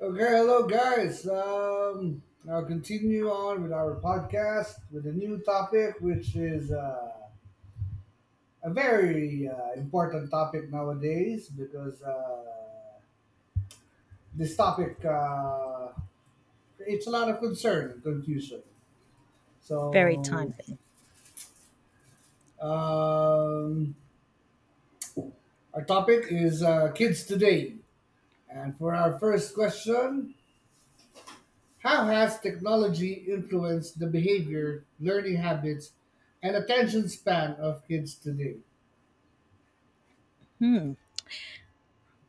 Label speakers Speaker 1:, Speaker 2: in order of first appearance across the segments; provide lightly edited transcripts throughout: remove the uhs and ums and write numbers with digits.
Speaker 1: Okay, hello guys. I'll continue on with our podcast with a new topic, which is a very important topic nowadays because this topic creates a lot of concern and confusion.
Speaker 2: Very
Speaker 1: So
Speaker 2: timely.
Speaker 1: um, our topic is kids today, and for our first question, how has technology influenced the behavior, learning habits, and attention span of kids today?
Speaker 2: Hmm.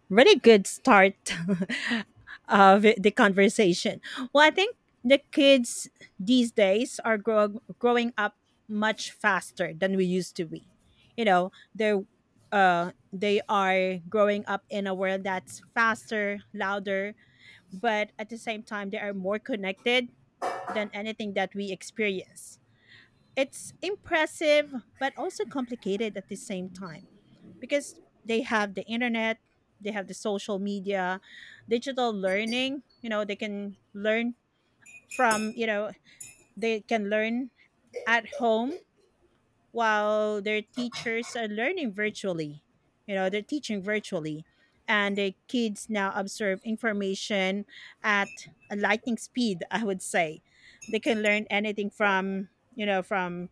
Speaker 2: Really good start of the conversation. Well, I think the kids these days are growing up much faster than we used to be. You know, they are growing up in a world that's faster, louder, but at the same time, they are more connected than anything that we experience. It's impressive, but also complicated at the same time because they have the internet, they have the social media, digital learning, you know, they can learn from, you know, they can learn at home while their teachers are learning virtually. You know, they're teaching virtually. And the kids now absorb information at a lightning speed, I would say. They can learn anything from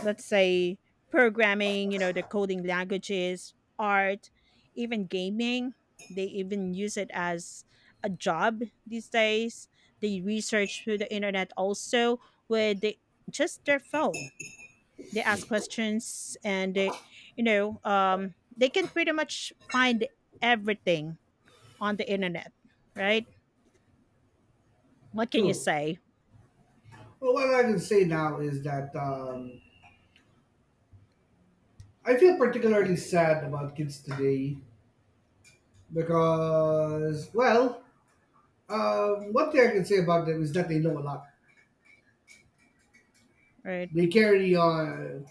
Speaker 2: let's say programming, you know, the coding languages, art, even gaming. They even use it as a job these days. They research through the internet also with the, just their phone. They ask questions and they, you know, they can pretty much find everything on the internet, right? What can you
Speaker 1: True.
Speaker 2: say?
Speaker 1: Well, what I can say now is that I feel particularly sad about kids today because, well, one thing I can say about them is that they know a lot.
Speaker 2: Right.
Speaker 1: They carry on,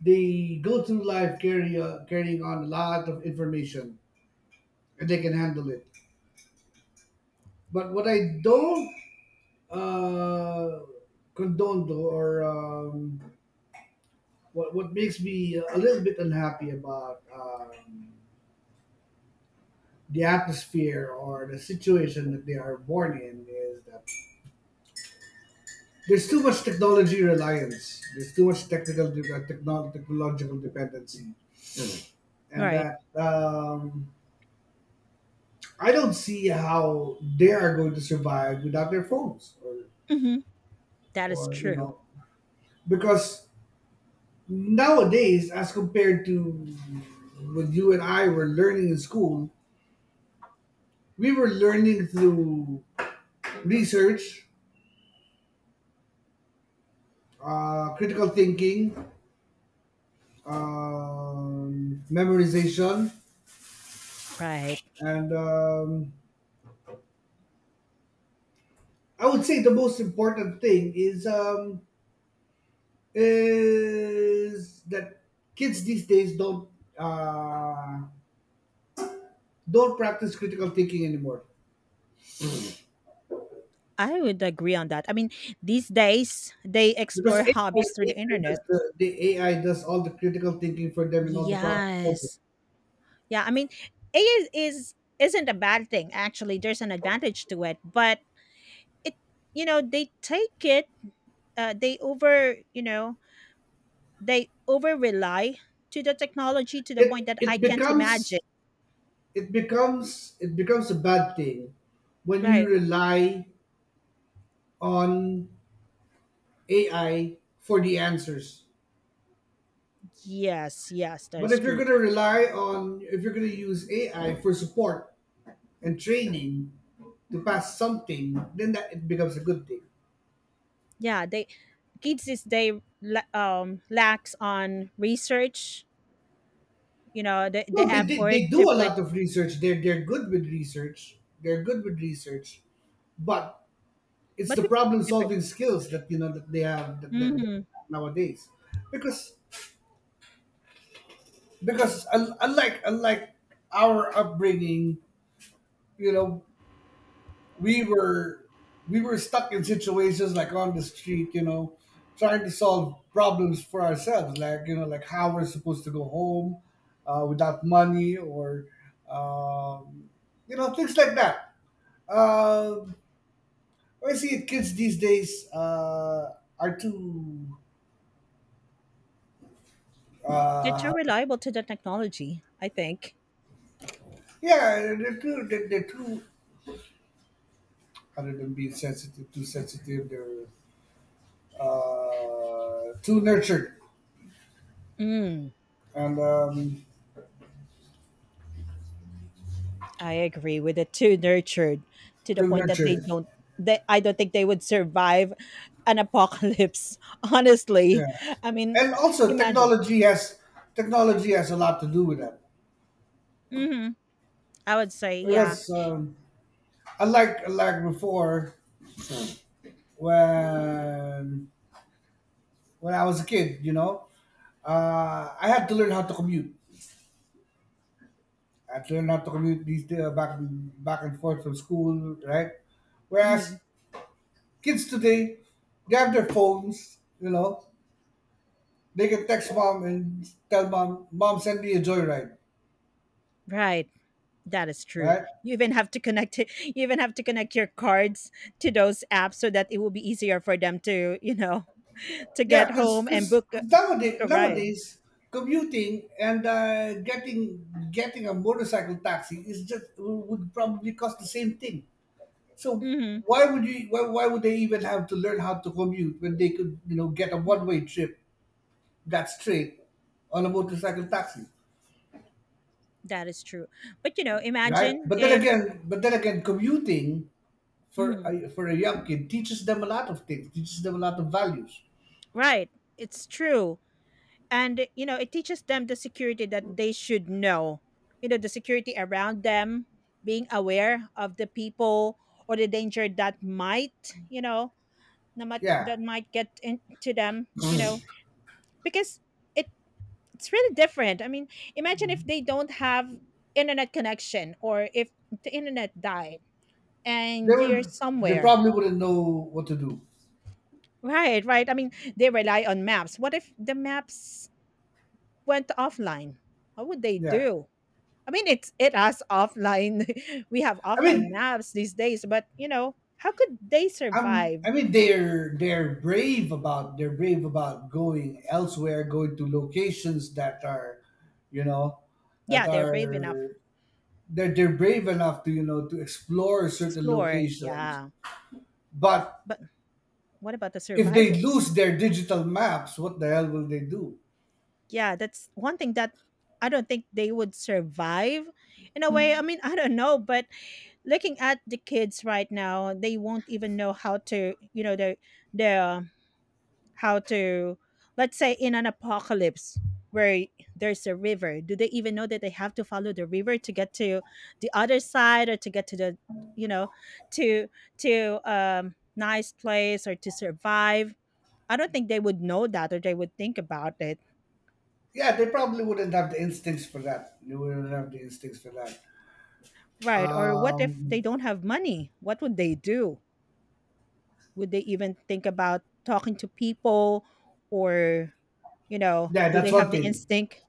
Speaker 1: they go through life carrying on a lot of information and they can handle it. But what I don't uh, condoned or what makes me a little bit unhappy about the atmosphere or the situation that they are born in is that there's too much technology reliance. There's too much technological dependency, and
Speaker 2: Right.
Speaker 1: that I don't see how they are going to survive without their phones
Speaker 2: Hmm. That is
Speaker 1: or you
Speaker 2: true.
Speaker 1: know because nowadays, as compared to when you and I were learning in school, we were learning through research, critical thinking, memorization,
Speaker 2: Right.
Speaker 1: and I would say the most important thing is that kids these days uh, don't practice critical thinking anymore.
Speaker 2: I would agree on that. I mean, these days they
Speaker 1: Because
Speaker 2: explore hobbies through
Speaker 1: AI,
Speaker 2: the
Speaker 1: does
Speaker 2: internet.
Speaker 1: the AI does all the critical thinking for them and all the problem solving.
Speaker 2: Yes. Yeah, I mean, it is isn't a bad thing actually. There's an advantage to it, but it you know, they take it they over, you know, they over rely to the technology to the point
Speaker 1: It
Speaker 2: that I
Speaker 1: it
Speaker 2: can't
Speaker 1: becomes
Speaker 2: imagine.
Speaker 1: it becomes a bad thing when you
Speaker 2: Right.
Speaker 1: rely on AI for the answers.
Speaker 2: Yes, yes, that
Speaker 1: But
Speaker 2: is
Speaker 1: if you're
Speaker 2: true.
Speaker 1: gonna rely on if you're gonna use AI for support and training to pass something, then that it becomes a good thing.
Speaker 2: Yeah, they kids this day lacks on research, you know, the
Speaker 1: No,
Speaker 2: effort
Speaker 1: they
Speaker 2: to
Speaker 1: do a
Speaker 2: put
Speaker 1: lot of research. They're good with research. They're good with research. But it's
Speaker 2: but
Speaker 1: the
Speaker 2: we
Speaker 1: problem
Speaker 2: different.
Speaker 1: solving skills that you know that they have that they
Speaker 2: Mm,
Speaker 1: nowadays because unlike our upbringing you know we were we were stuck in situations like on the street you know trying to solve problems for ourselves like you know like how we're supposed to go home without money or um, you know things like that uh, I see it kids these days are too
Speaker 2: they're too
Speaker 1: uh,
Speaker 2: reliable to the technology, I think.
Speaker 1: yeah, they're too, other than being sensitive, too sensitive, they're too nurtured.
Speaker 2: Mm,
Speaker 1: And
Speaker 2: I agree with it too nurtured to the
Speaker 1: too
Speaker 2: point that they
Speaker 1: nurtured.
Speaker 2: don't they I don't think they would survive an apocalypse, honestly.
Speaker 1: Yeah.
Speaker 2: I mean,
Speaker 1: And also,
Speaker 2: imagine.
Speaker 1: technology has a lot to do with that.
Speaker 2: Mhm. I would say, yeah.
Speaker 1: Because unlike before, when, when I was a kid, you know, I had to learn how to commute. I had to learn how to commute these days, back and forth from school, right? Whereas
Speaker 2: Mhm.
Speaker 1: kids today, they have their phones, you know. They can text mom and tell mom, mom, send me a joyride,
Speaker 2: Right. That is true.
Speaker 1: right?
Speaker 2: You even have to connect it, you even have to connect your cards to those apps so that it will be easier for them to, you know, to
Speaker 1: Yeah,
Speaker 2: get
Speaker 1: because
Speaker 2: home
Speaker 1: cause,
Speaker 2: and
Speaker 1: 'cause- 'cause
Speaker 2: book
Speaker 1: nowadays,
Speaker 2: a ride.
Speaker 1: nowadays, commuting and getting a motorcycle taxi is just would probably cost the same thing. So
Speaker 2: Mhm.
Speaker 1: why would they even have to learn how to commute when they could you know get a one way trip that's straight on a motorcycle taxi,
Speaker 2: That is true. But, you know,
Speaker 1: right?
Speaker 2: imagine
Speaker 1: But then
Speaker 2: if
Speaker 1: again, but then again, commuting
Speaker 2: mhm.
Speaker 1: for a young kid teaches them a lot of things, teaches them a lot of values.
Speaker 2: Right. It's true. And, you know, it teaches them the security that they should know. You know, the security around them, being aware of the people or the danger that might, you know,
Speaker 1: Yeah,
Speaker 2: that might get into them, you know,
Speaker 1: they
Speaker 2: because it it's really different. I mean, imagine if they don't have internet connection or if the internet died and you're
Speaker 1: will. They
Speaker 2: somewhere
Speaker 1: probably wouldn't know what to do.
Speaker 2: right. Right, I mean, they rely on maps. What if the maps went offline? What would they
Speaker 1: Yeah,
Speaker 2: do? I mean, it has offline, we have
Speaker 1: I
Speaker 2: offline
Speaker 1: mean,
Speaker 2: maps these days, but you know, how could they
Speaker 1: I'm.
Speaker 2: survive?
Speaker 1: I mean, they're brave about going elsewhere, going to locations that are, you know, that
Speaker 2: Yeah, they're brave enough to
Speaker 1: are that they're brave enough to you know to explore certain
Speaker 2: explore.
Speaker 1: locations.
Speaker 2: Yeah,
Speaker 1: But
Speaker 2: but what about the
Speaker 1: if they
Speaker 2: survival?
Speaker 1: lose their digital maps, what the hell will they do?
Speaker 2: Yeah, that's one thing that I don't think they would survive in a way. I mean, I don't know, but looking at the kids right now, they won't even know how to, you know, the how to let's say in an apocalypse where there's a river, do they even know that they have to follow the river to get to the other side or to get to the, you know, to to nice place or to survive? I don't think they would know that or they would think about it.
Speaker 1: Yeah, they probably wouldn't have the instincts for that. They wouldn't have the instincts for that.
Speaker 2: Right. Or what if they
Speaker 1: Um,
Speaker 2: don't have money? What would they do? Would they even think about talking to people or, you know,
Speaker 1: yeah,
Speaker 2: do they
Speaker 1: that's one
Speaker 2: have the
Speaker 1: thing.
Speaker 2: instinct?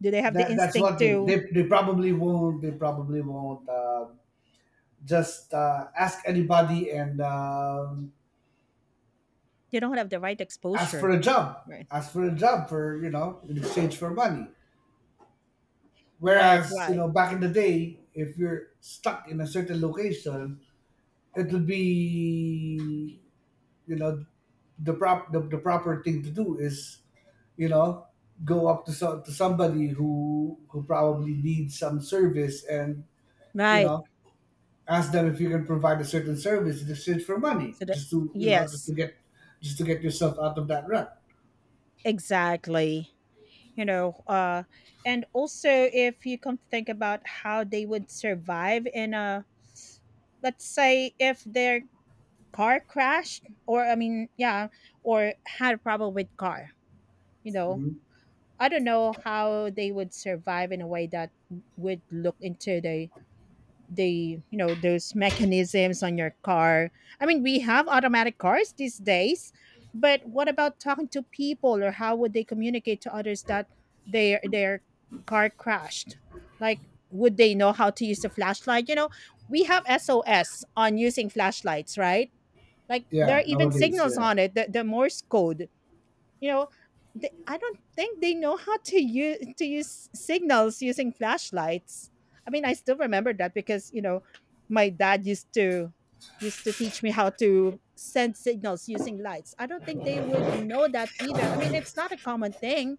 Speaker 2: Do they have the
Speaker 1: That's
Speaker 2: instinct
Speaker 1: one thing.
Speaker 2: to
Speaker 1: They probably won't. They probably won't. Just ask anybody and
Speaker 2: they don't have the right
Speaker 1: ask for
Speaker 2: exposure?
Speaker 1: a job.
Speaker 2: Right.
Speaker 1: Ask for a job for you know in exchange for money.
Speaker 2: Right,
Speaker 1: Whereas you
Speaker 2: right.
Speaker 1: know back in the day, if you're stuck in a certain location, it'll be you know the proper thing to do is you know go up to so, to somebody who probably needs some service and you
Speaker 2: Right.
Speaker 1: know ask them if you can provide a certain service in exchange for money
Speaker 2: So the
Speaker 1: just to you know
Speaker 2: yes,
Speaker 1: just to get yourself out of that rut.
Speaker 2: exactly. You know, uh, and also if you come to think about how they would survive in a, let's say if their car crash, or I mean, yeah, or had a problem with car, you know,
Speaker 1: Mhm.
Speaker 2: I don't know how they would survive in a way that would look into the you know those mechanisms on your car. I mean, we have automatic cars these days, but what about talking to people or how would they communicate to others that their car crashed? Like, would they know how to use a flashlight? You know, we have sos on using flashlights, right? Like there are
Speaker 1: Yeah
Speaker 2: even
Speaker 1: nowadays
Speaker 2: signals
Speaker 1: yeah.
Speaker 2: on it, the Morse code. You know, they, I don't think they know how to use signals using flashlights. I mean, I still remember that because you know, my dad used to teach me how to send signals using lights. I don't think they would know that either. I mean, it's not a common thing,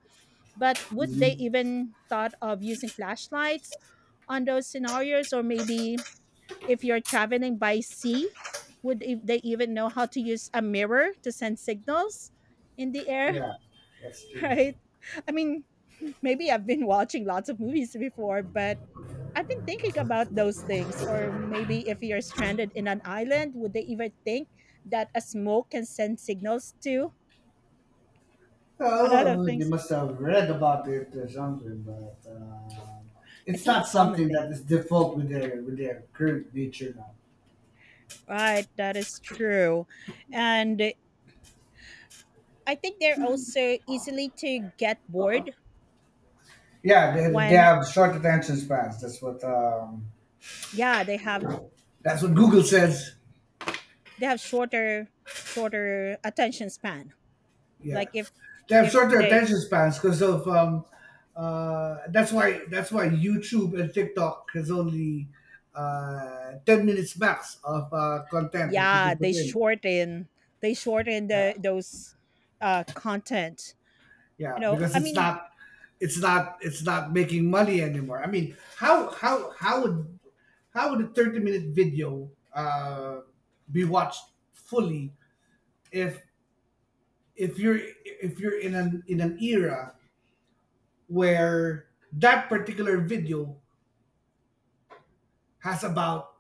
Speaker 2: but would they
Speaker 1: Hmm
Speaker 2: even thought of using flashlights on those scenarios, or maybe if you're traveling by sea, would if they even know how to use a mirror to send signals in the air,
Speaker 1: yeah that's true.
Speaker 2: right? I mean, maybe I've been watching lots of movies before, but I've been thinking about those things. Or maybe if you're stranded in an island, would they even think that a smoke can send signals to? A lot of
Speaker 1: Oh they
Speaker 2: things.
Speaker 1: must have read about it or something but
Speaker 2: It's
Speaker 1: it's
Speaker 2: not a
Speaker 1: not
Speaker 2: common
Speaker 1: something
Speaker 2: thing.
Speaker 1: that is default with their current nature now.
Speaker 2: Right, that is true. And I think they're also easily to get bored
Speaker 1: Yeah they
Speaker 2: when
Speaker 1: have short attention spans.
Speaker 2: yeah, they have
Speaker 1: That's what Google says.
Speaker 2: they have shorter shorter attention span.
Speaker 1: Yeah,
Speaker 2: Like
Speaker 1: they have
Speaker 2: if
Speaker 1: shorter
Speaker 2: they
Speaker 1: attention spans because of that's why YouTube and TikTok has only 10 minutes max of content that you
Speaker 2: yeah
Speaker 1: can put in.
Speaker 2: they shorten
Speaker 1: Yeah,
Speaker 2: the those content, you
Speaker 1: yeah,
Speaker 2: know,
Speaker 1: because
Speaker 2: I mean
Speaker 1: it's not making money anymore. I mean, how would a 30 minute video be watched fully if if you're if you're in an era where that particular video has about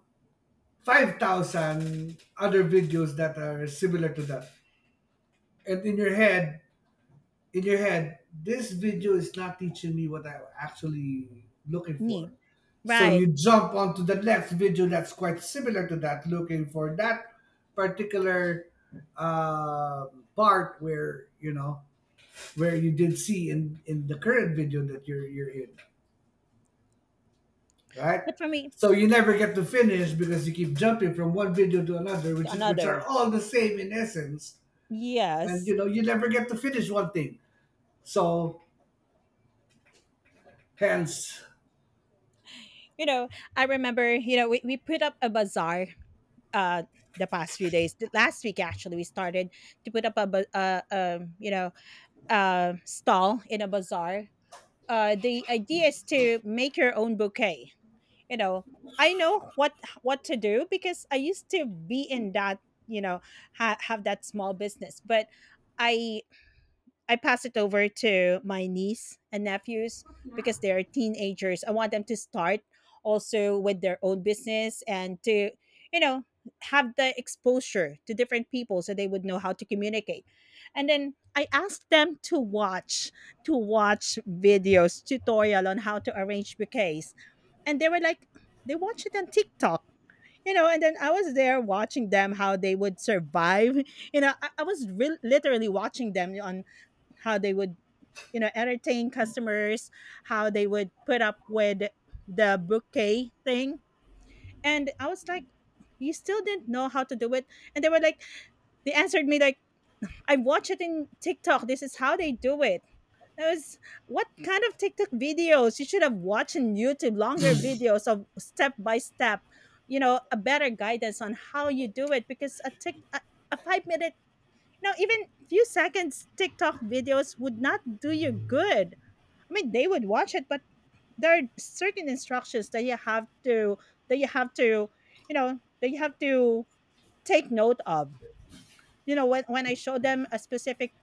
Speaker 1: 5,000 other videos that are similar to that. And in your head, this video is not teaching me what I'm actually looking
Speaker 2: need
Speaker 1: for. So
Speaker 2: right
Speaker 1: you jump onto the next video that's quite similar to that, looking for that particular uh, part where you know where you did see in the current video that you're in, right?
Speaker 2: but for me
Speaker 1: So you never get to finish because you keep jumping from one video to another,
Speaker 2: to
Speaker 1: which is which are
Speaker 2: another.
Speaker 1: all the same in essence, and
Speaker 2: Yes.
Speaker 1: you know you never get to finish one thing. So hence,
Speaker 2: You know, I remember, you know, we put up a bazaar uh the past few days. The last week actually we started to put up a stall in a bazaar. Uh, the idea is to make your own bouquet. You know, I know what to do because I used to be in that, you know, have that small business, but I I pass it over to my niece and nephews because they are teenagers. I want them to start also with their own business and to, you know, have the exposure to different people so they would know how to communicate. And then I asked them to watch videos, tutorial on how to arrange bouquets. And they were like they watch it on TikTok. You know, and then I was there watching them how they would survive. You know, I literally watching them on how they would, you know, entertain customers, how they would put up with the bouquet thing, and I was like, you still didn't know how to do it. And they were like, they answered me like, I watch it in tiktok, this is how they do it. I was, what kind of tiktok videos? You should have watched on youtube longer videos of step by step, you know, a better guidance on how you do it, because a a 5 minute, no, even few seconds tiktok videos would not do you good. I mean, they would watch it, but there are certain instructions that you have to, you know, that you have to take note of. You know, when I show them a specific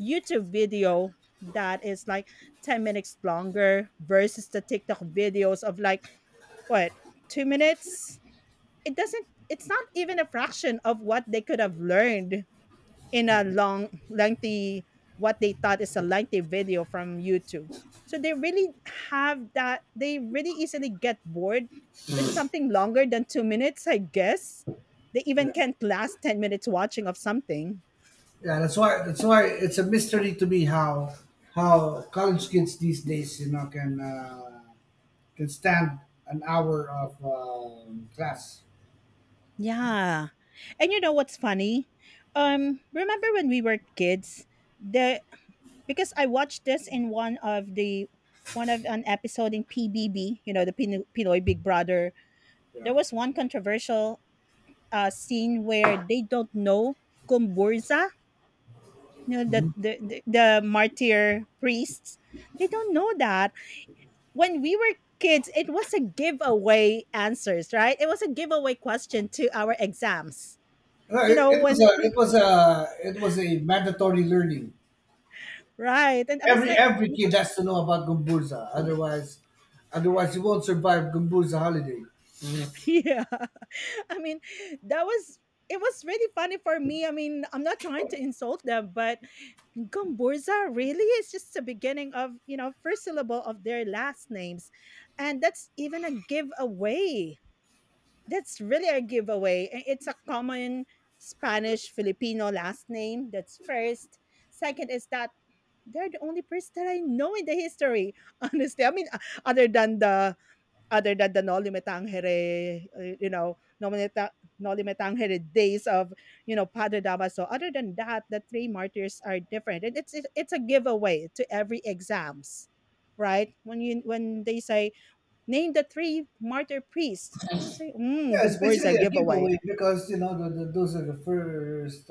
Speaker 2: YouTube video that is like 10 minutes longer versus the TikTok videos of like what, 2 minutes, it doesn't. It's not even a fraction of what they could have learned in a long, lengthy, what they thought is a lengthy video from YouTube. So they really have that, they really easily get bored with something longer than 2 minutes, I guess. They even
Speaker 1: yeah,
Speaker 2: can't last 10 minutes watching of something.
Speaker 1: yeah. That's why it's a mystery to me how college kids these days you know can stand an hour of class.
Speaker 2: Yeah. And you know what's funny? Remember when we were kids? The because I watched this in one of the one of an episode in PBB, you know, the Pinoy Big Brother.
Speaker 1: Yeah,
Speaker 2: There was one controversial scene where they don't know Kumburza, you know, the martyr priests. They don't know that. When we were kids, it was a giveaway answers, right? It was a giveaway question to our exams,
Speaker 1: no,
Speaker 2: you know, when
Speaker 1: it was a mandatory learning.
Speaker 2: right. And I was like,
Speaker 1: Every
Speaker 2: you know,
Speaker 1: kid has to know about Gumburza, otherwise, otherwise you won't survive Gumburza holiday.
Speaker 2: yeah. I mean, that was it was really funny for me. I mean, I'm not trying to insult them, but Gomburza really is just the beginning of, you know, first syllable of their last names. And that's even a giveaway. That's really a giveaway. I- It's a common Spanish Filipino last name. That's first. Second is that they're the only person that I know in the history. Honestly, I mean, o- other than the other than the Noli Me Tangere, you know, Noli Me Tangere days of, you know, Padre Damaso. Other than that, the three martyrs are different. And it's it's a giveaway to every exams, right? When you when they say name the three martyr priests, I would say, mm,
Speaker 1: Yeah, it's
Speaker 2: Gumbor is a
Speaker 1: basically a
Speaker 2: giveaway.
Speaker 1: giveaway because you know those are the first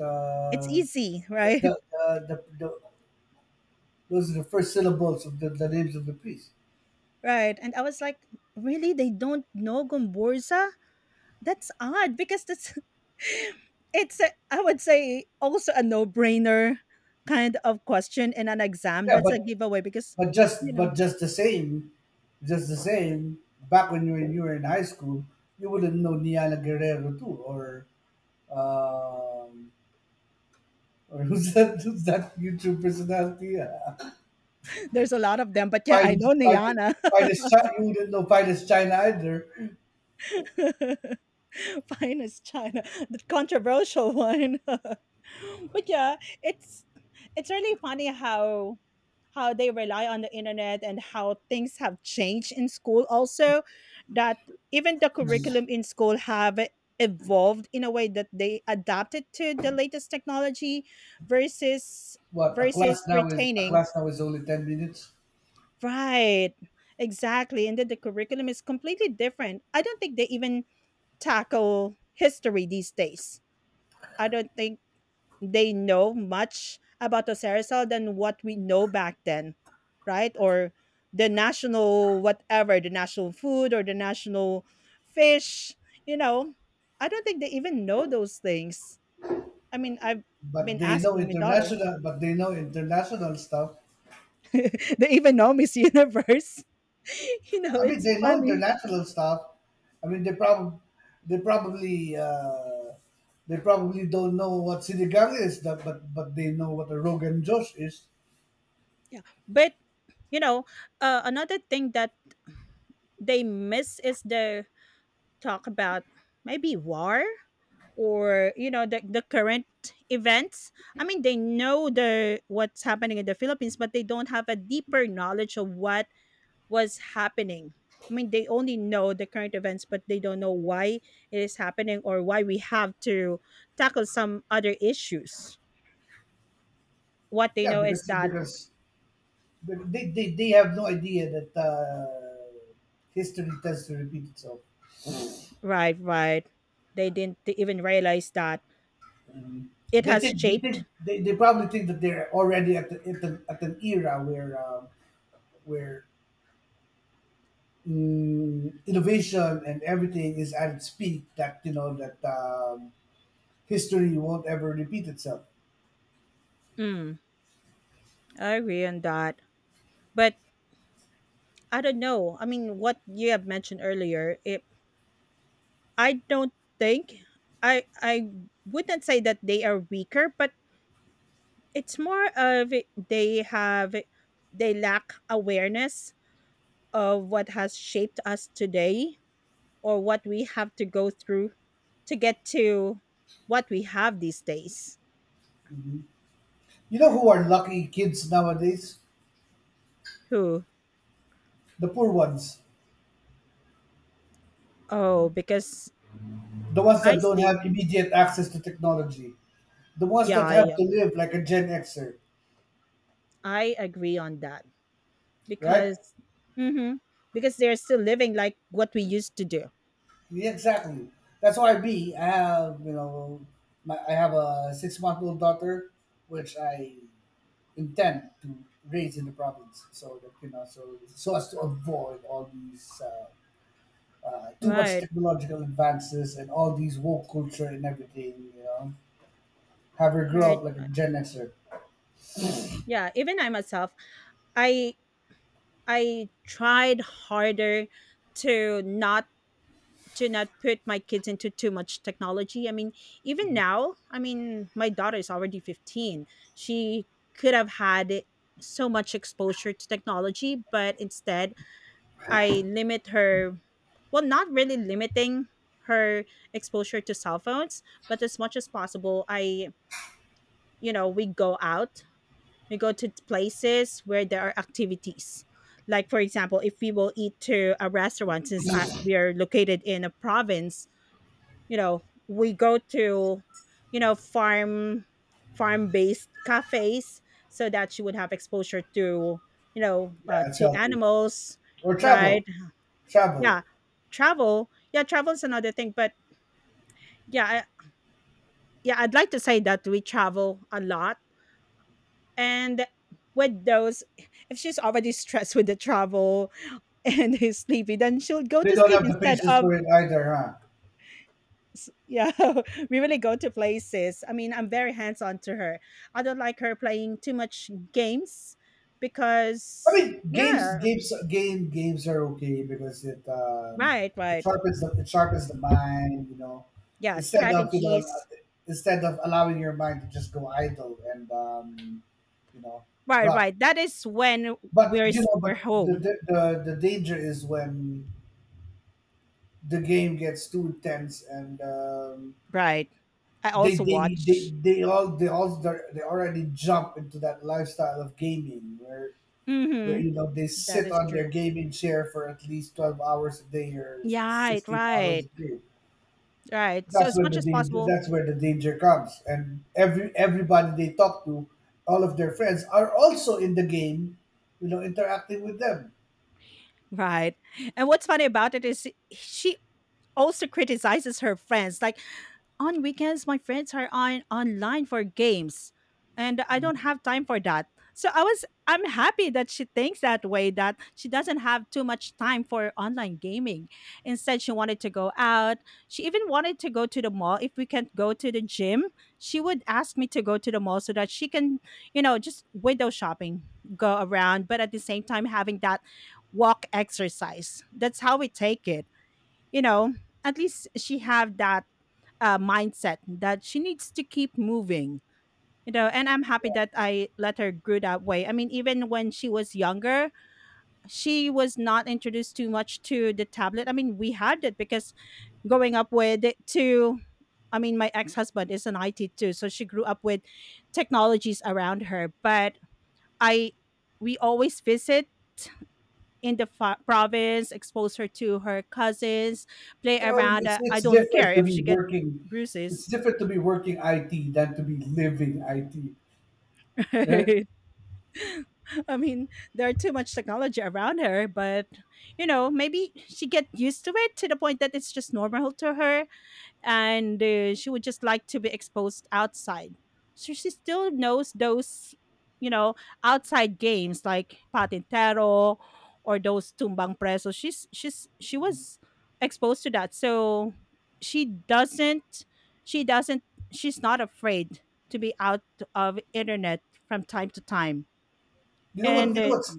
Speaker 2: It's easy, right?
Speaker 1: the, the, the those are the first syllables of the names of the priests.
Speaker 2: Right. And I was like, really? They don't know Gomborza? That's odd because that's I would say also a no-brainer kind of question in an exam.
Speaker 1: Yeah,
Speaker 2: That's
Speaker 1: but
Speaker 2: a giveaway
Speaker 1: but
Speaker 2: you
Speaker 1: just
Speaker 2: know,
Speaker 1: but just the same, just the same. Back when you were in high school, you wouldn't know Niala Guerrero too, um, or who's that YouTube personality?
Speaker 2: there's a lot of them. But yeah,
Speaker 1: By
Speaker 2: I know
Speaker 1: Palestine,
Speaker 2: Niana.
Speaker 1: Palestine, you wouldn't know by this China either.
Speaker 2: Finest China, the controversial one. But yeah, it's it's really funny how they rely on the internet and how things have changed in school also that even the curriculum in school have evolved in a way that they adapted to the latest technology versus
Speaker 1: What a class
Speaker 2: versus
Speaker 1: now is a
Speaker 2: retaining.
Speaker 1: class now is only 10 minutes,
Speaker 2: Right, exactly. And then the curriculum is completely different. I don't think they even tackle history these days. I don't think they know much about Ocerizal than what we know back then, right? Or the national whatever, the national food or the national fish, you know. I don't think they even know those things. I've
Speaker 1: but
Speaker 2: been
Speaker 1: they know
Speaker 2: asking my daughter.
Speaker 1: international. But they know international stuff.
Speaker 2: They even know Miss Universe. You know,
Speaker 1: I mean,
Speaker 2: it's
Speaker 1: they know
Speaker 2: funny.
Speaker 1: international stuff. I mean, they probably uh, they probably don't know what sinigang is, that but they know what a Rogan Josh is.
Speaker 2: Yeah, but you know, another thing that they miss is the talk about maybe war or you know, the current events. I mean, they know the what's happening in the Philippines, but they don't have a deeper knowledge of what was happening. I mean, they only know the current events, but they don't know why it is happening or why we have to tackle some other issues. What they
Speaker 1: Yeah,
Speaker 2: know is that.
Speaker 1: because they have no idea that history tends to repeat itself.
Speaker 2: Right, right. They didn't t- even realize that
Speaker 1: Mm.
Speaker 2: it has shaped.
Speaker 1: They probably think that they're already at at an era where where innovation and everything is at its peak. That you know that history won't ever repeat itself.
Speaker 2: Mm, I agree on that. But I don't know. I mean, what you have mentioned earlier, I don't think I wouldn't say that they are weaker, but it's more of they have they lack awareness of what has shaped us today or what we have to go through to get to what we have these days.
Speaker 1: You know who are lucky kids nowadays?
Speaker 2: Who?
Speaker 1: The poor ones,
Speaker 2: Oh, because
Speaker 1: the ones
Speaker 2: I
Speaker 1: that don't
Speaker 2: see.
Speaker 1: have immediate access to technology, the ones
Speaker 2: Yeah,
Speaker 1: that
Speaker 2: I
Speaker 1: have to
Speaker 2: am.
Speaker 1: live like a Gen Xer,
Speaker 2: I agree on that
Speaker 1: right?
Speaker 2: because hmm because they're still living like what we used to do.
Speaker 1: Yeah, exactly. That's why me, I have you know, my, I have a 6 month old daughter, which I intend to raise in the province, so that you know, so so as to avoid all these too much
Speaker 2: Right.
Speaker 1: technological advances and all these woke culture and everything. You know, have her grow
Speaker 2: Right.
Speaker 1: up like a Gen Xer.
Speaker 2: Yeah, even I myself, I I tried harder to not to not put my kids into too much technology. I mean, even now, I mean, my daughter is already 15. She could have had so much exposure to technology, but instead I limit her, well, not really limiting her exposure to cell phones, but as much as possible, you know, we go out, we go to places where there are activities. Like, for example, if we will eat to a restaurant, we are located in a province, you know, we go to, you know, farm based cafes so that she would have exposure to, you know,
Speaker 1: Yeah, it's
Speaker 2: to
Speaker 1: healthy.
Speaker 2: animals,
Speaker 1: Or travel,
Speaker 2: right?
Speaker 1: travel.
Speaker 2: Yeah, travel. Yeah, travel is another thing, but yeah I, yeah I'd like to say that we travel a lot, and with those, if she's already stressed with the travel and is sleepy, then she'll go
Speaker 1: They
Speaker 2: to
Speaker 1: don't
Speaker 2: sleep
Speaker 1: have the
Speaker 2: instead
Speaker 1: patience
Speaker 2: of
Speaker 1: for it either, huh?
Speaker 2: yeah. We really go to places. I mean, I'm very hands-on to her. I don't like her playing too much games
Speaker 1: I
Speaker 2: because
Speaker 1: mean,
Speaker 2: yeah.
Speaker 1: games are okay because it
Speaker 2: Right,
Speaker 1: it
Speaker 2: right.
Speaker 1: sharpens the it sharpens the mind. You know,
Speaker 2: Yeah,
Speaker 1: instead of you know,
Speaker 2: strategies.
Speaker 1: instead of allowing your mind to just go idle and you know,
Speaker 2: Right,
Speaker 1: rough.
Speaker 2: right. That is when
Speaker 1: But
Speaker 2: we're
Speaker 1: you know,
Speaker 2: we're
Speaker 1: but
Speaker 2: home.
Speaker 1: the danger is when the game gets too intense and
Speaker 2: Right, I also watch.
Speaker 1: they already jump into that lifestyle of gaming where
Speaker 2: Mm-hmm,
Speaker 1: you know they
Speaker 2: that
Speaker 1: sit
Speaker 2: is
Speaker 1: on their
Speaker 2: true.
Speaker 1: gaming chair for at least 12 hours a day or
Speaker 2: Yeah. Right,
Speaker 1: 16 hours
Speaker 2: right,
Speaker 1: a day.
Speaker 2: right. So
Speaker 1: That's
Speaker 2: as
Speaker 1: where
Speaker 2: much as possible
Speaker 1: that's where the danger comes and every everybody they talk to all of their friends are also in the game you know interacting with them.
Speaker 2: right. And what's funny about it is she also criticizes her friends, like, on weekends my friends are on online for games and I don't have time for that. So I was I'm happy that she thinks that way, that she doesn't have too much time for online gaming. Instead she wanted to go out. She even wanted to go to the mall. If we can't go to the gym, she would ask me to go to the mall so that she can, you know, just window shopping, go around, but at the same time having that walk exercise. That's how we take it, you know, at least she have that mindset that she needs to keep moving. You know, and I'm happy that I let her grow that way. I mean, even when she was younger, she was not introduced too much to the tablet. I mean, we had it because growing up with it too. I mean, my ex-husband is an IT too, so she grew up with technologies around her. But i we always visit in the province, expose her to her cousins, play
Speaker 1: So
Speaker 2: around. I
Speaker 1: it's
Speaker 2: don't care
Speaker 1: different to
Speaker 2: if
Speaker 1: be
Speaker 2: she get
Speaker 1: working it's
Speaker 2: bruises.
Speaker 1: different to be working IT than to be living IT, right?
Speaker 2: I mean, there are too much technology around her, but you know, maybe she get used to it to the point that it's just normal to her, and she would just like to be exposed outside. So she still knows those, you know, outside games like patintero or those tumbang preso. She's she was exposed to that, so she doesn't she doesn't, she's not afraid to be out of internet from time to time
Speaker 1: you know what
Speaker 2: and
Speaker 1: you know what's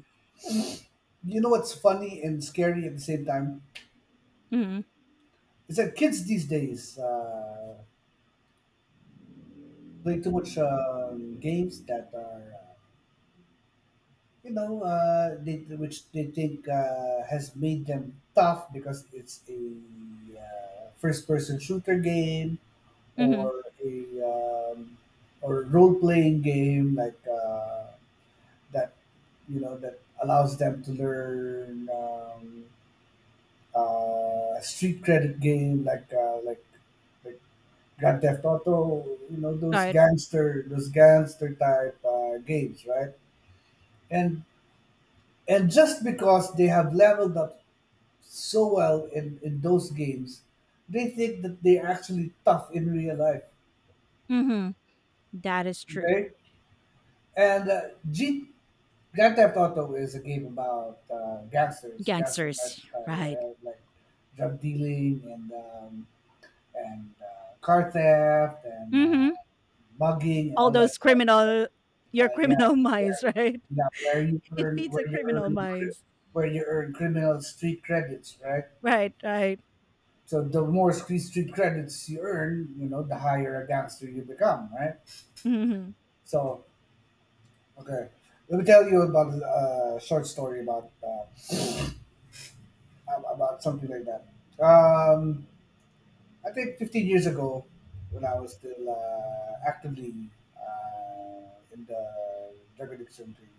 Speaker 1: you know what's funny and scary at the same time
Speaker 2: mhm,
Speaker 1: is that kids these days play too much games that are you know uh, they, which they think has made them tough because it's a first person shooter game
Speaker 2: mhm,
Speaker 1: or a um, or role playing game like that that allows them to learn street credit game like Grand Theft Auto, you know,
Speaker 2: right,
Speaker 1: those gangster type games, right? And And just because they have leveled up so well in those games, they think that they're actually tough in real life.
Speaker 2: mhm, that is true.
Speaker 1: Okay? And G- Grand Theft Auto is a game about gangsters, gangster
Speaker 2: Gangsters,
Speaker 1: lifestyle,
Speaker 2: right,
Speaker 1: like drug dealing, and car theft, and
Speaker 2: mhm.
Speaker 1: mugging, and
Speaker 2: All
Speaker 1: all that
Speaker 2: those
Speaker 1: stuff, right?
Speaker 2: criminal, your
Speaker 1: Yeah,
Speaker 2: criminal minds,
Speaker 1: yeah,
Speaker 2: right?
Speaker 1: yeah,
Speaker 2: It feeds the criminal minds.
Speaker 1: where you earn criminal street credits, right?
Speaker 2: Right, right.
Speaker 1: So the more street credits you earn, you know, the higher a gangster you become, right?
Speaker 2: Mhm,
Speaker 1: So okay, let me tell you about a short story about about something like that. Um, I think 15 years ago, when I was still actively in the drug addiction thing,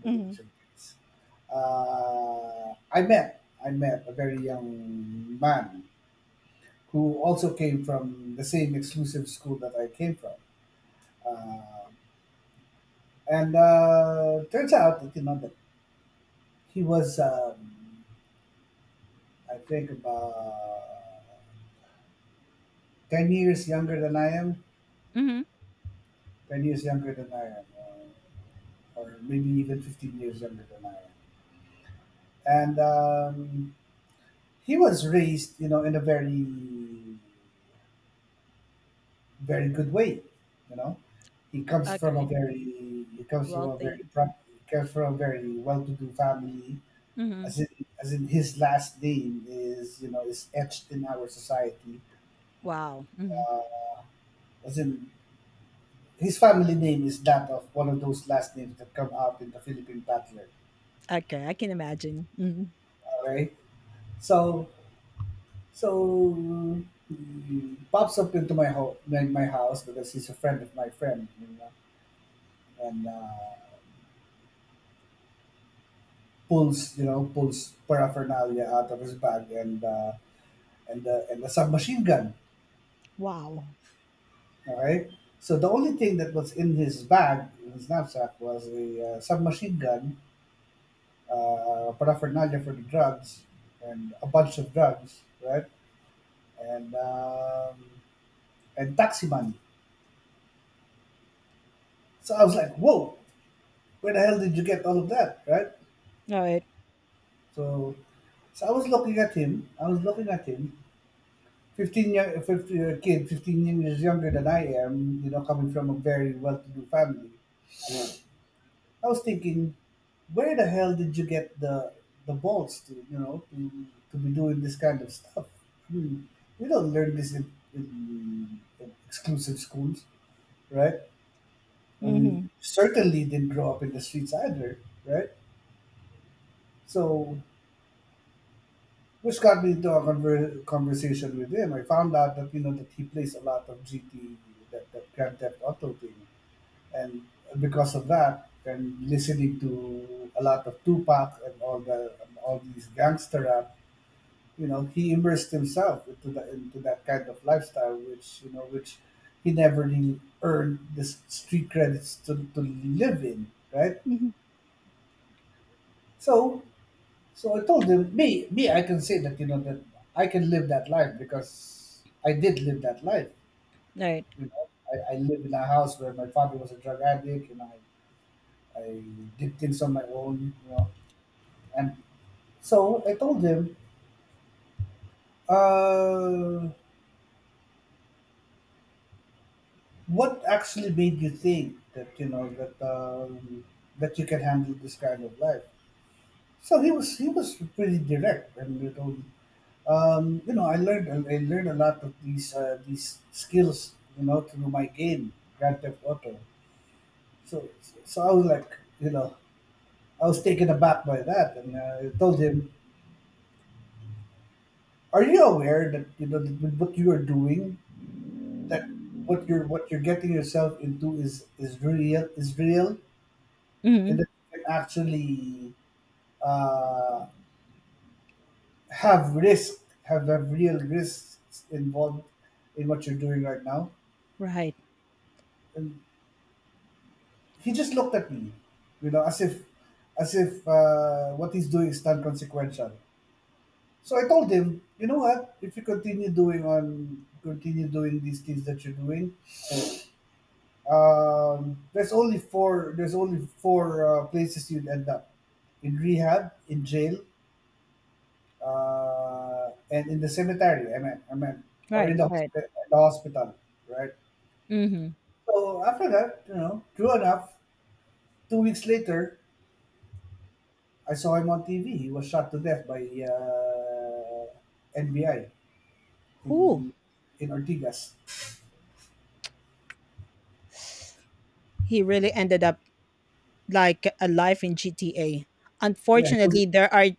Speaker 1: drug
Speaker 2: mhm,
Speaker 1: addiction phase, I met a very young man who also came from the same exclusive school that I came from. Uh, and turns out that, you know, that he was, I think, about 10 years younger than I am.
Speaker 2: mhm.
Speaker 1: 10 years younger than I am, or maybe even 15 years younger than I am. And he was raised, you know, in a very, very good way. You know, he comes from a
Speaker 2: Okay,
Speaker 1: very, he comes from a
Speaker 2: wealthy.
Speaker 1: he comes from a very well-to-do family.
Speaker 2: Mhm.
Speaker 1: As in, as in his last name is, you know, is etched in our society.
Speaker 2: Wow, mhm.
Speaker 1: Uh, as in his family name is that of one of those last names that come out in the Philippine Butler.
Speaker 2: Okay, I can imagine. Mhm.
Speaker 1: Alright, so so he pops up into my my house because he's a friend of my friend, you know, and pulls, you know, pulls paraphernalia out of his bag, and a submachine gun.
Speaker 2: Wow.
Speaker 1: All right. So the only thing that was in his bag, in his knapsack, was a submachine gun, paraphernalia for the drugs, and a bunch of drugs, right? And um, and taxi money. So I was like, "Whoa, where the hell did you get all of that?" Right?
Speaker 2: Alright.
Speaker 1: So so I was looking at him. 15 year, 50-year kid, 15 years younger than I am, you know, coming from a very well to do family. I was thinking, where the hell did you get the balls to, you know, to be doing this kind of stuff? I mean, we don't learn this in exclusive schools, right? I
Speaker 2: Mhm,
Speaker 1: mean, certainly didn't grow up in the streets either, right? So, which got me into a conversation with him. I found out, that you know, that he plays a lot of GT, that Grand Theft Auto thing, and because of that and listening to a lot of Tupac and all these gangster rap, you know, he immersed himself into that kind of lifestyle, which, you know, which he never really earned the street credits to live in, right?
Speaker 2: mhm.
Speaker 1: So, so I told him, me, I can say, that you know, that I can live that life because I did live that life.
Speaker 2: Right.
Speaker 1: You know, I live in a house where my father was a drug addict, and I did things on my own. You know. And so I told him, uh, what actually made you think, that you know, that that you can handle this kind of life? So he was pretty direct, and, you know, I learned a lot of these skills, you know, through my game Grand Theft Auto. So so I was like, you know, I was taken aback by that, and I told him, "Are you aware, that you know, that what you are doing, that what you're getting yourself into is real and
Speaker 2: Mhm.
Speaker 1: that you can actually uh, have have real risks involved in what you're doing right now?"
Speaker 2: Right,
Speaker 1: And he just looked at me, you know, as if, as if, what he's doing is non-consequential. So I told him, you know what, if you continue doing these things that you're doing, there's only four. There's only four places you'd end up: in rehab, in jail, and in the cemetery. I mean, or
Speaker 2: right,
Speaker 1: in
Speaker 2: right.
Speaker 1: the hospital, right?
Speaker 2: Mhm.
Speaker 1: So after that, you know, true enough, 2 weeks later, I saw him on TV. He was shot to death by NBI
Speaker 2: Who?
Speaker 1: in in Ortigas.
Speaker 2: He really ended up like a life in GTA.
Speaker 1: Yeah, he was,
Speaker 2: Unfortunately, there are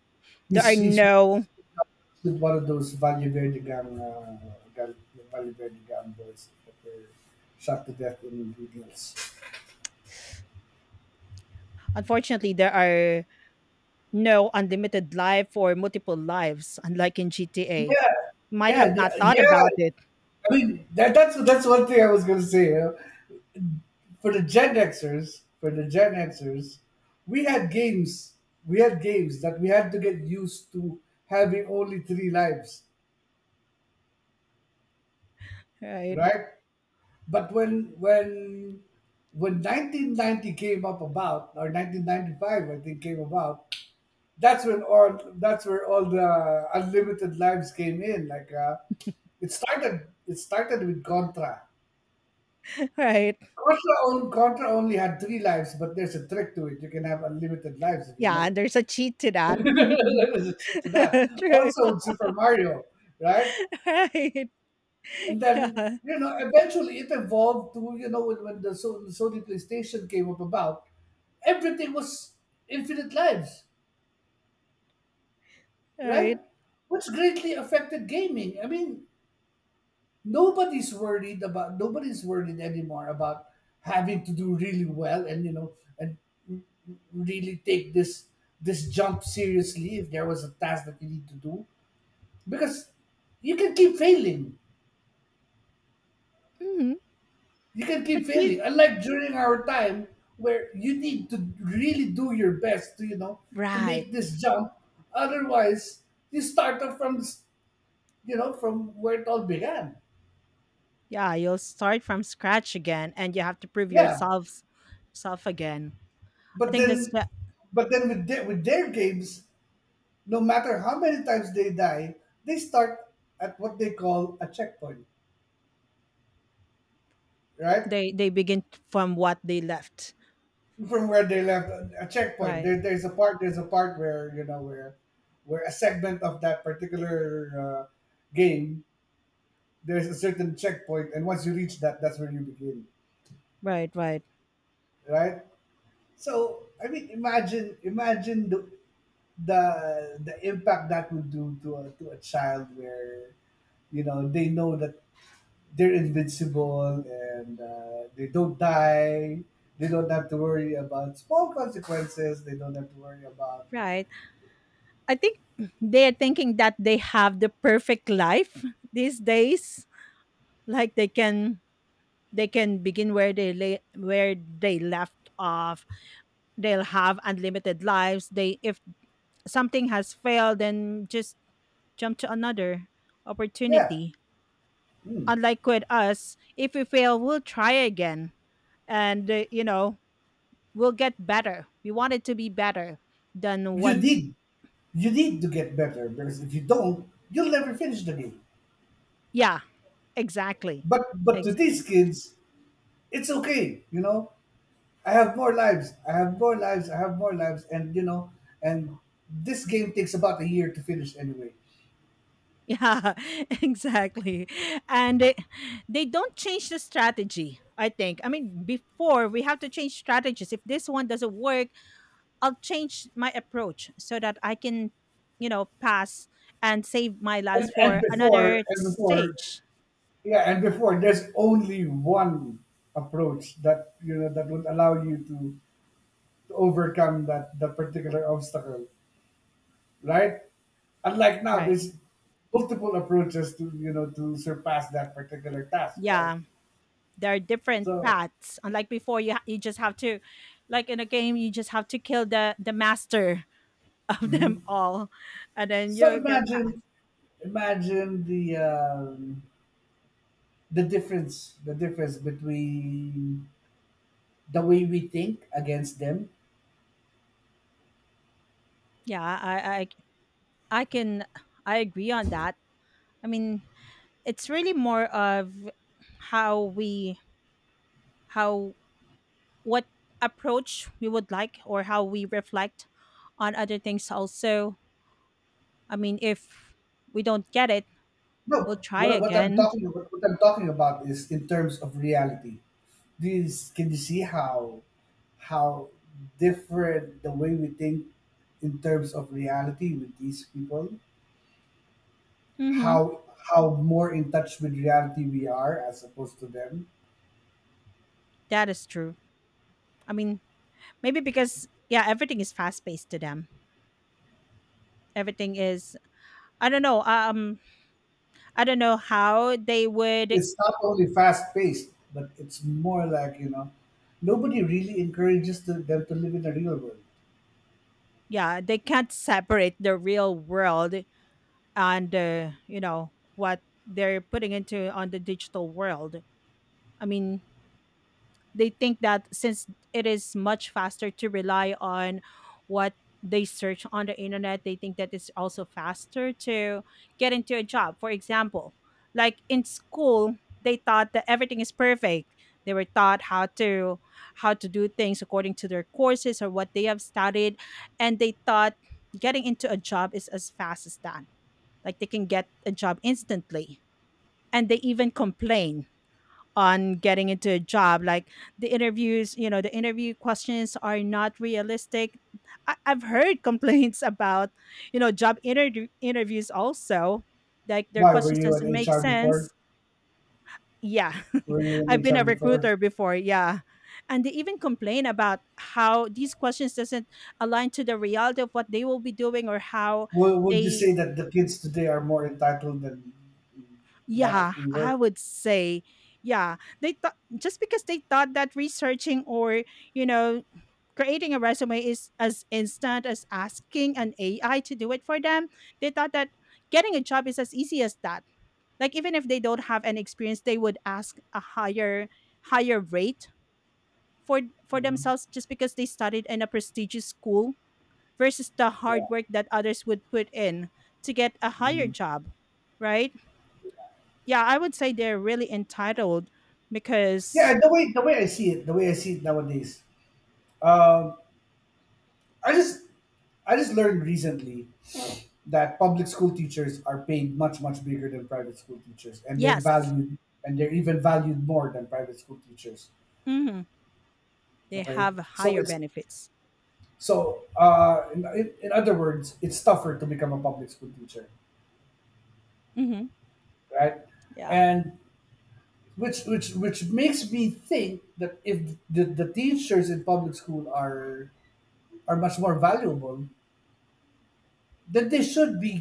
Speaker 2: there are
Speaker 1: he's
Speaker 2: no
Speaker 1: with one of those Valle Verde gang, gang Valle Verde gang boys that were shot to death in Beatles.
Speaker 2: Unfortunately, there are no unlimited life or multiple lives unlike in GTA.
Speaker 1: Yeah,
Speaker 2: Might have
Speaker 1: yeah,
Speaker 2: not
Speaker 1: yeah,
Speaker 2: thought
Speaker 1: yeah.
Speaker 2: about it.
Speaker 1: I mean, that's one thing I was gonna say, you know? For the Gen Xers, we had games. We had games that we had to get used to having only three lives,
Speaker 2: Right.
Speaker 1: right? But when 1990 came up about, or 1995, I think, came about, that's when all that's where all the unlimited lives came in. Like, it started with Contra.
Speaker 2: Right.
Speaker 1: Contra only had three lives, but there's a trick to it. You can have unlimited lives if you
Speaker 2: Yeah,
Speaker 1: know.
Speaker 2: and there's a cheat to that.
Speaker 1: There's a trick to that.
Speaker 2: True.
Speaker 1: Also with Super Mario, right?
Speaker 2: Right.
Speaker 1: And then,
Speaker 2: Yeah.
Speaker 1: you know, eventually it evolved to, you know, when the Sony PlayStation came up about, everything was infinite lives,
Speaker 2: Right.
Speaker 1: right? Which greatly affected gaming. I mean, nobody's worried anymore about having to do really well, and, you know, and really take this jump seriously if there was a task that you need to do, because you can keep failing
Speaker 2: Mhm.
Speaker 1: you can
Speaker 2: But
Speaker 1: keep
Speaker 2: you
Speaker 1: failing. Unlike during our time where you need to really do your best to, you know, to
Speaker 2: right.
Speaker 1: make this jump. Otherwise, you start off from, you know, from where it all began.
Speaker 2: Yeah, you'll start from scratch again and you have to prove
Speaker 1: Yeah.
Speaker 2: yourselves self again. I
Speaker 1: But
Speaker 2: think that's
Speaker 1: then,
Speaker 2: the
Speaker 1: but then with their games, no matter how many times they die, they start at what they call a checkpoint, right?
Speaker 2: they begin from what they left.
Speaker 1: From where they left, a checkpoint.
Speaker 2: Right,
Speaker 1: There's a part. There's a part where, you know, where a segment of that particular game, there's a certain checkpoint, and once you reach that, that's where you begin,
Speaker 2: right, right,
Speaker 1: right? So I mean, imagine the impact that would do to a child where, you know, they know that they're invincible, and, they don't die, they don't have to worry about small consequences, they don't have to worry about.
Speaker 2: right. I think they're thinking that they have the perfect life these days. Like they can begin where they lay, where they left off. They'll have unlimited lives. They, if something has failed, then just jump to another
Speaker 1: Yeah.
Speaker 2: opportunity
Speaker 1: Mm.
Speaker 2: unlike with us. If we fail, we'll try again, and you know, we'll get better. We want it to be better than
Speaker 1: You
Speaker 2: what.
Speaker 1: need you need to get better, because if you don't, you'll never finish the game.
Speaker 2: Yeah, exactly.
Speaker 1: But to these
Speaker 2: Exactly.
Speaker 1: kids, it's okay, you know. I have more lives. I have more lives. I have more lives. And, you know, and this game takes about a year to finish anyway.
Speaker 2: Yeah, exactly. And they don't change the strategy, I think. I mean, before we have to change strategies. If this one doesn't work, I'll change my approach so that I can, you know, pass and save my lives
Speaker 1: And and
Speaker 2: for
Speaker 1: before
Speaker 2: another
Speaker 1: and before
Speaker 2: stage.
Speaker 1: yeah, and before there's only one approach that, you know, that would allow you to overcome that that particular obstacle, right? Unlike now,
Speaker 2: Right.
Speaker 1: there's multiple approaches to, you know, to surpass that particular task, right?
Speaker 2: Yeah. There are different
Speaker 1: So
Speaker 2: paths, unlike before you you just have to, like in a game, you just have to kill the master of them all, and then
Speaker 1: so
Speaker 2: you get
Speaker 1: imagine,
Speaker 2: past.
Speaker 1: imagine the difference between the way we think against them.
Speaker 2: Yeah, I I can I agree on that. I mean, it's really more of how we, how, what approach we would like or how we reflect on other things also. I mean, if we don't get it,
Speaker 1: No,
Speaker 2: we'll try again.
Speaker 1: what I'm talking about is in terms of reality. These, can you see how different the way we think in terms of reality with these people?
Speaker 2: Mm-hmm.
Speaker 1: how how more in touch with reality we are as opposed to them.
Speaker 2: That is true. I mean, maybe because yeah, everything is fast paced to them. Everything is, I don't know. I don't know how they would.
Speaker 1: It's not only fast paced, but it's more like, you know, nobody really encourages to, them to live in the real world.
Speaker 2: Yeah, they can't separate the real world and you know what they're putting into on the digital world. I mean, they think that since it is much faster to rely on what they search on the internet, they think that it's also faster to get into a job. For example, like in school, they thought that everything is perfect. They were taught how to do things according to their courses or what they have studied, and they thought getting into a job is as fast as that. Like they can get a job instantly, and they even complain on getting into a job like the interviews. You know, the interview questions are not realistic. I've heard complaints about, you know, job interviews also, like their
Speaker 1: Why were
Speaker 2: questions
Speaker 1: you in
Speaker 2: doesn't make
Speaker 1: HR before?
Speaker 2: sense. Yeah,
Speaker 1: Were you in
Speaker 2: I've been
Speaker 1: HR
Speaker 2: a
Speaker 1: before?
Speaker 2: recruiter before, yeah. And they even complain about how these questions doesn't align to the reality of what they will be doing or how
Speaker 1: Would you
Speaker 2: they.
Speaker 1: say that the kids today are more entitled than that of
Speaker 2: Yeah,
Speaker 1: we
Speaker 2: I
Speaker 1: were?
Speaker 2: would say, yeah, they thought, just because they thought that researching or you know creating a resume is as instant as asking an AI to do it for them. They thought that getting a job is as easy as that. Like even if they don't have any experience, they would ask a higher higher rate for for
Speaker 1: Hmm.
Speaker 2: themselves just because they studied in a prestigious school versus the
Speaker 1: Yeah.
Speaker 2: hard work that others would put in to get a higher
Speaker 1: Mhm.
Speaker 2: job, right? Yeah, I would say they're really entitled because
Speaker 1: Yeah, the way the way I see it nowadays, um, I just I just learned recently that public school teachers are paid much, much bigger than private school teachers, and they're
Speaker 2: yes,
Speaker 1: valued, and they're even valued more than private school teachers.
Speaker 2: hmm, they
Speaker 1: Okay,
Speaker 2: have
Speaker 1: so
Speaker 2: higher
Speaker 1: it's,
Speaker 2: benefits.
Speaker 1: so in other words, it's tougher to become a public school teacher,
Speaker 2: Hmm.
Speaker 1: right?
Speaker 2: Yeah,
Speaker 1: And which makes me think that if the, the teachers in public school are much more valuable, that they should be,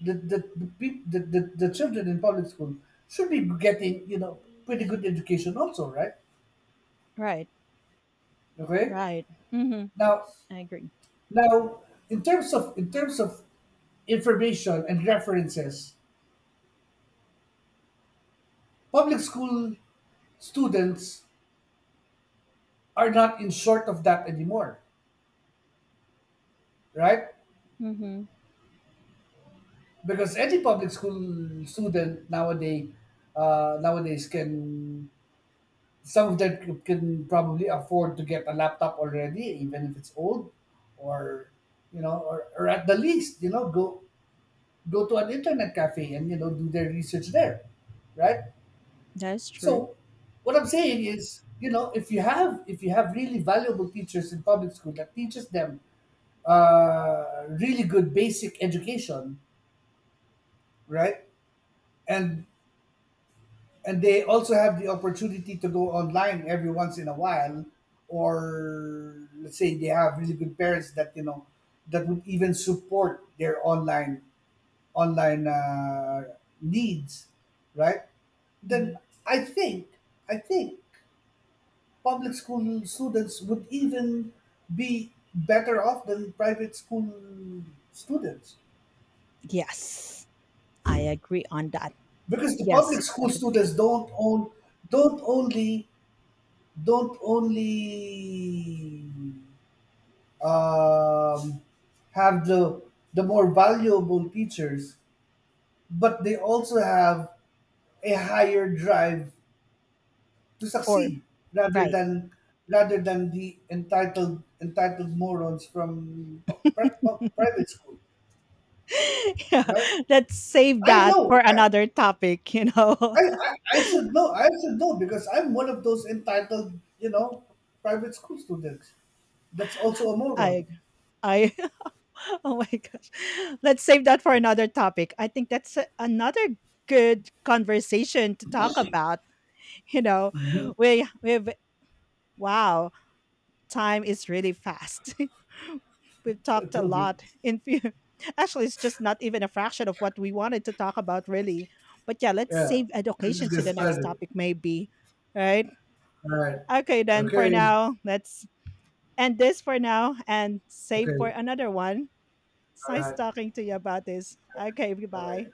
Speaker 1: that that the, peop that the children in public school should be getting, you know, pretty good education also, right?
Speaker 2: right,
Speaker 1: Okay.
Speaker 2: right. Hmm,
Speaker 1: now
Speaker 2: I agree.
Speaker 1: now in terms of, in terms of information and references, public school students are not in short of that anymore, right?
Speaker 2: Hmm.
Speaker 1: Because any public school student nowadays, nowadays can, some of them can probably afford to get a laptop already, even if it's old, or, you know, or at the least, you know, go go to an internet cafe and, you know, do their research there, right?
Speaker 2: That's true.
Speaker 1: So what I'm saying is, you know, if you have really valuable teachers in public school that teaches them really good basic education, right? and and they also have the opportunity to go online every once in a while, or let's say they have really good parents that, you know, that would even support their online online needs, right? Then
Speaker 2: Hmm.
Speaker 1: i think I think public school students would even be better off than private school students,
Speaker 2: Yes, I agree on that.
Speaker 1: because the
Speaker 2: Yes,
Speaker 1: public
Speaker 2: yes,
Speaker 1: school
Speaker 2: definitely.
Speaker 1: students don't own, don't only don't only um, have the more valuable features, but they also have a higher drive to
Speaker 2: For
Speaker 1: succeed, rather
Speaker 2: right,
Speaker 1: than, rather than the entitled morons from private school,
Speaker 2: yeah.
Speaker 1: right?
Speaker 2: Let's save
Speaker 1: I
Speaker 2: that
Speaker 1: know.
Speaker 2: for
Speaker 1: I,
Speaker 2: another topic. You know,
Speaker 1: I, I I should know. I should know because I'm one of those entitled, you know, private school students. That's also a
Speaker 2: I
Speaker 1: moron.
Speaker 2: I oh my gosh. Let's save that for another topic. I think that's another good conversation to talk about. You know,
Speaker 1: Mm-hmm.
Speaker 2: we've wow, time is really fast. We've
Speaker 1: I
Speaker 2: talked a
Speaker 1: told you.
Speaker 2: lot in few. Actually, it's just not even a fraction of what we wanted to talk about really. But yeah, let's
Speaker 1: Yeah.
Speaker 2: save
Speaker 1: Let's
Speaker 2: education to
Speaker 1: get
Speaker 2: the next
Speaker 1: started.
Speaker 2: topic maybe. Right?
Speaker 1: All right.
Speaker 2: Okay then for
Speaker 1: Okay.
Speaker 2: now, let's end this for now and save for
Speaker 1: Okay.
Speaker 2: another one. It's
Speaker 1: All
Speaker 2: nice
Speaker 1: right.
Speaker 2: talking to you about this. Okay,
Speaker 1: Okay.
Speaker 2: goodbye.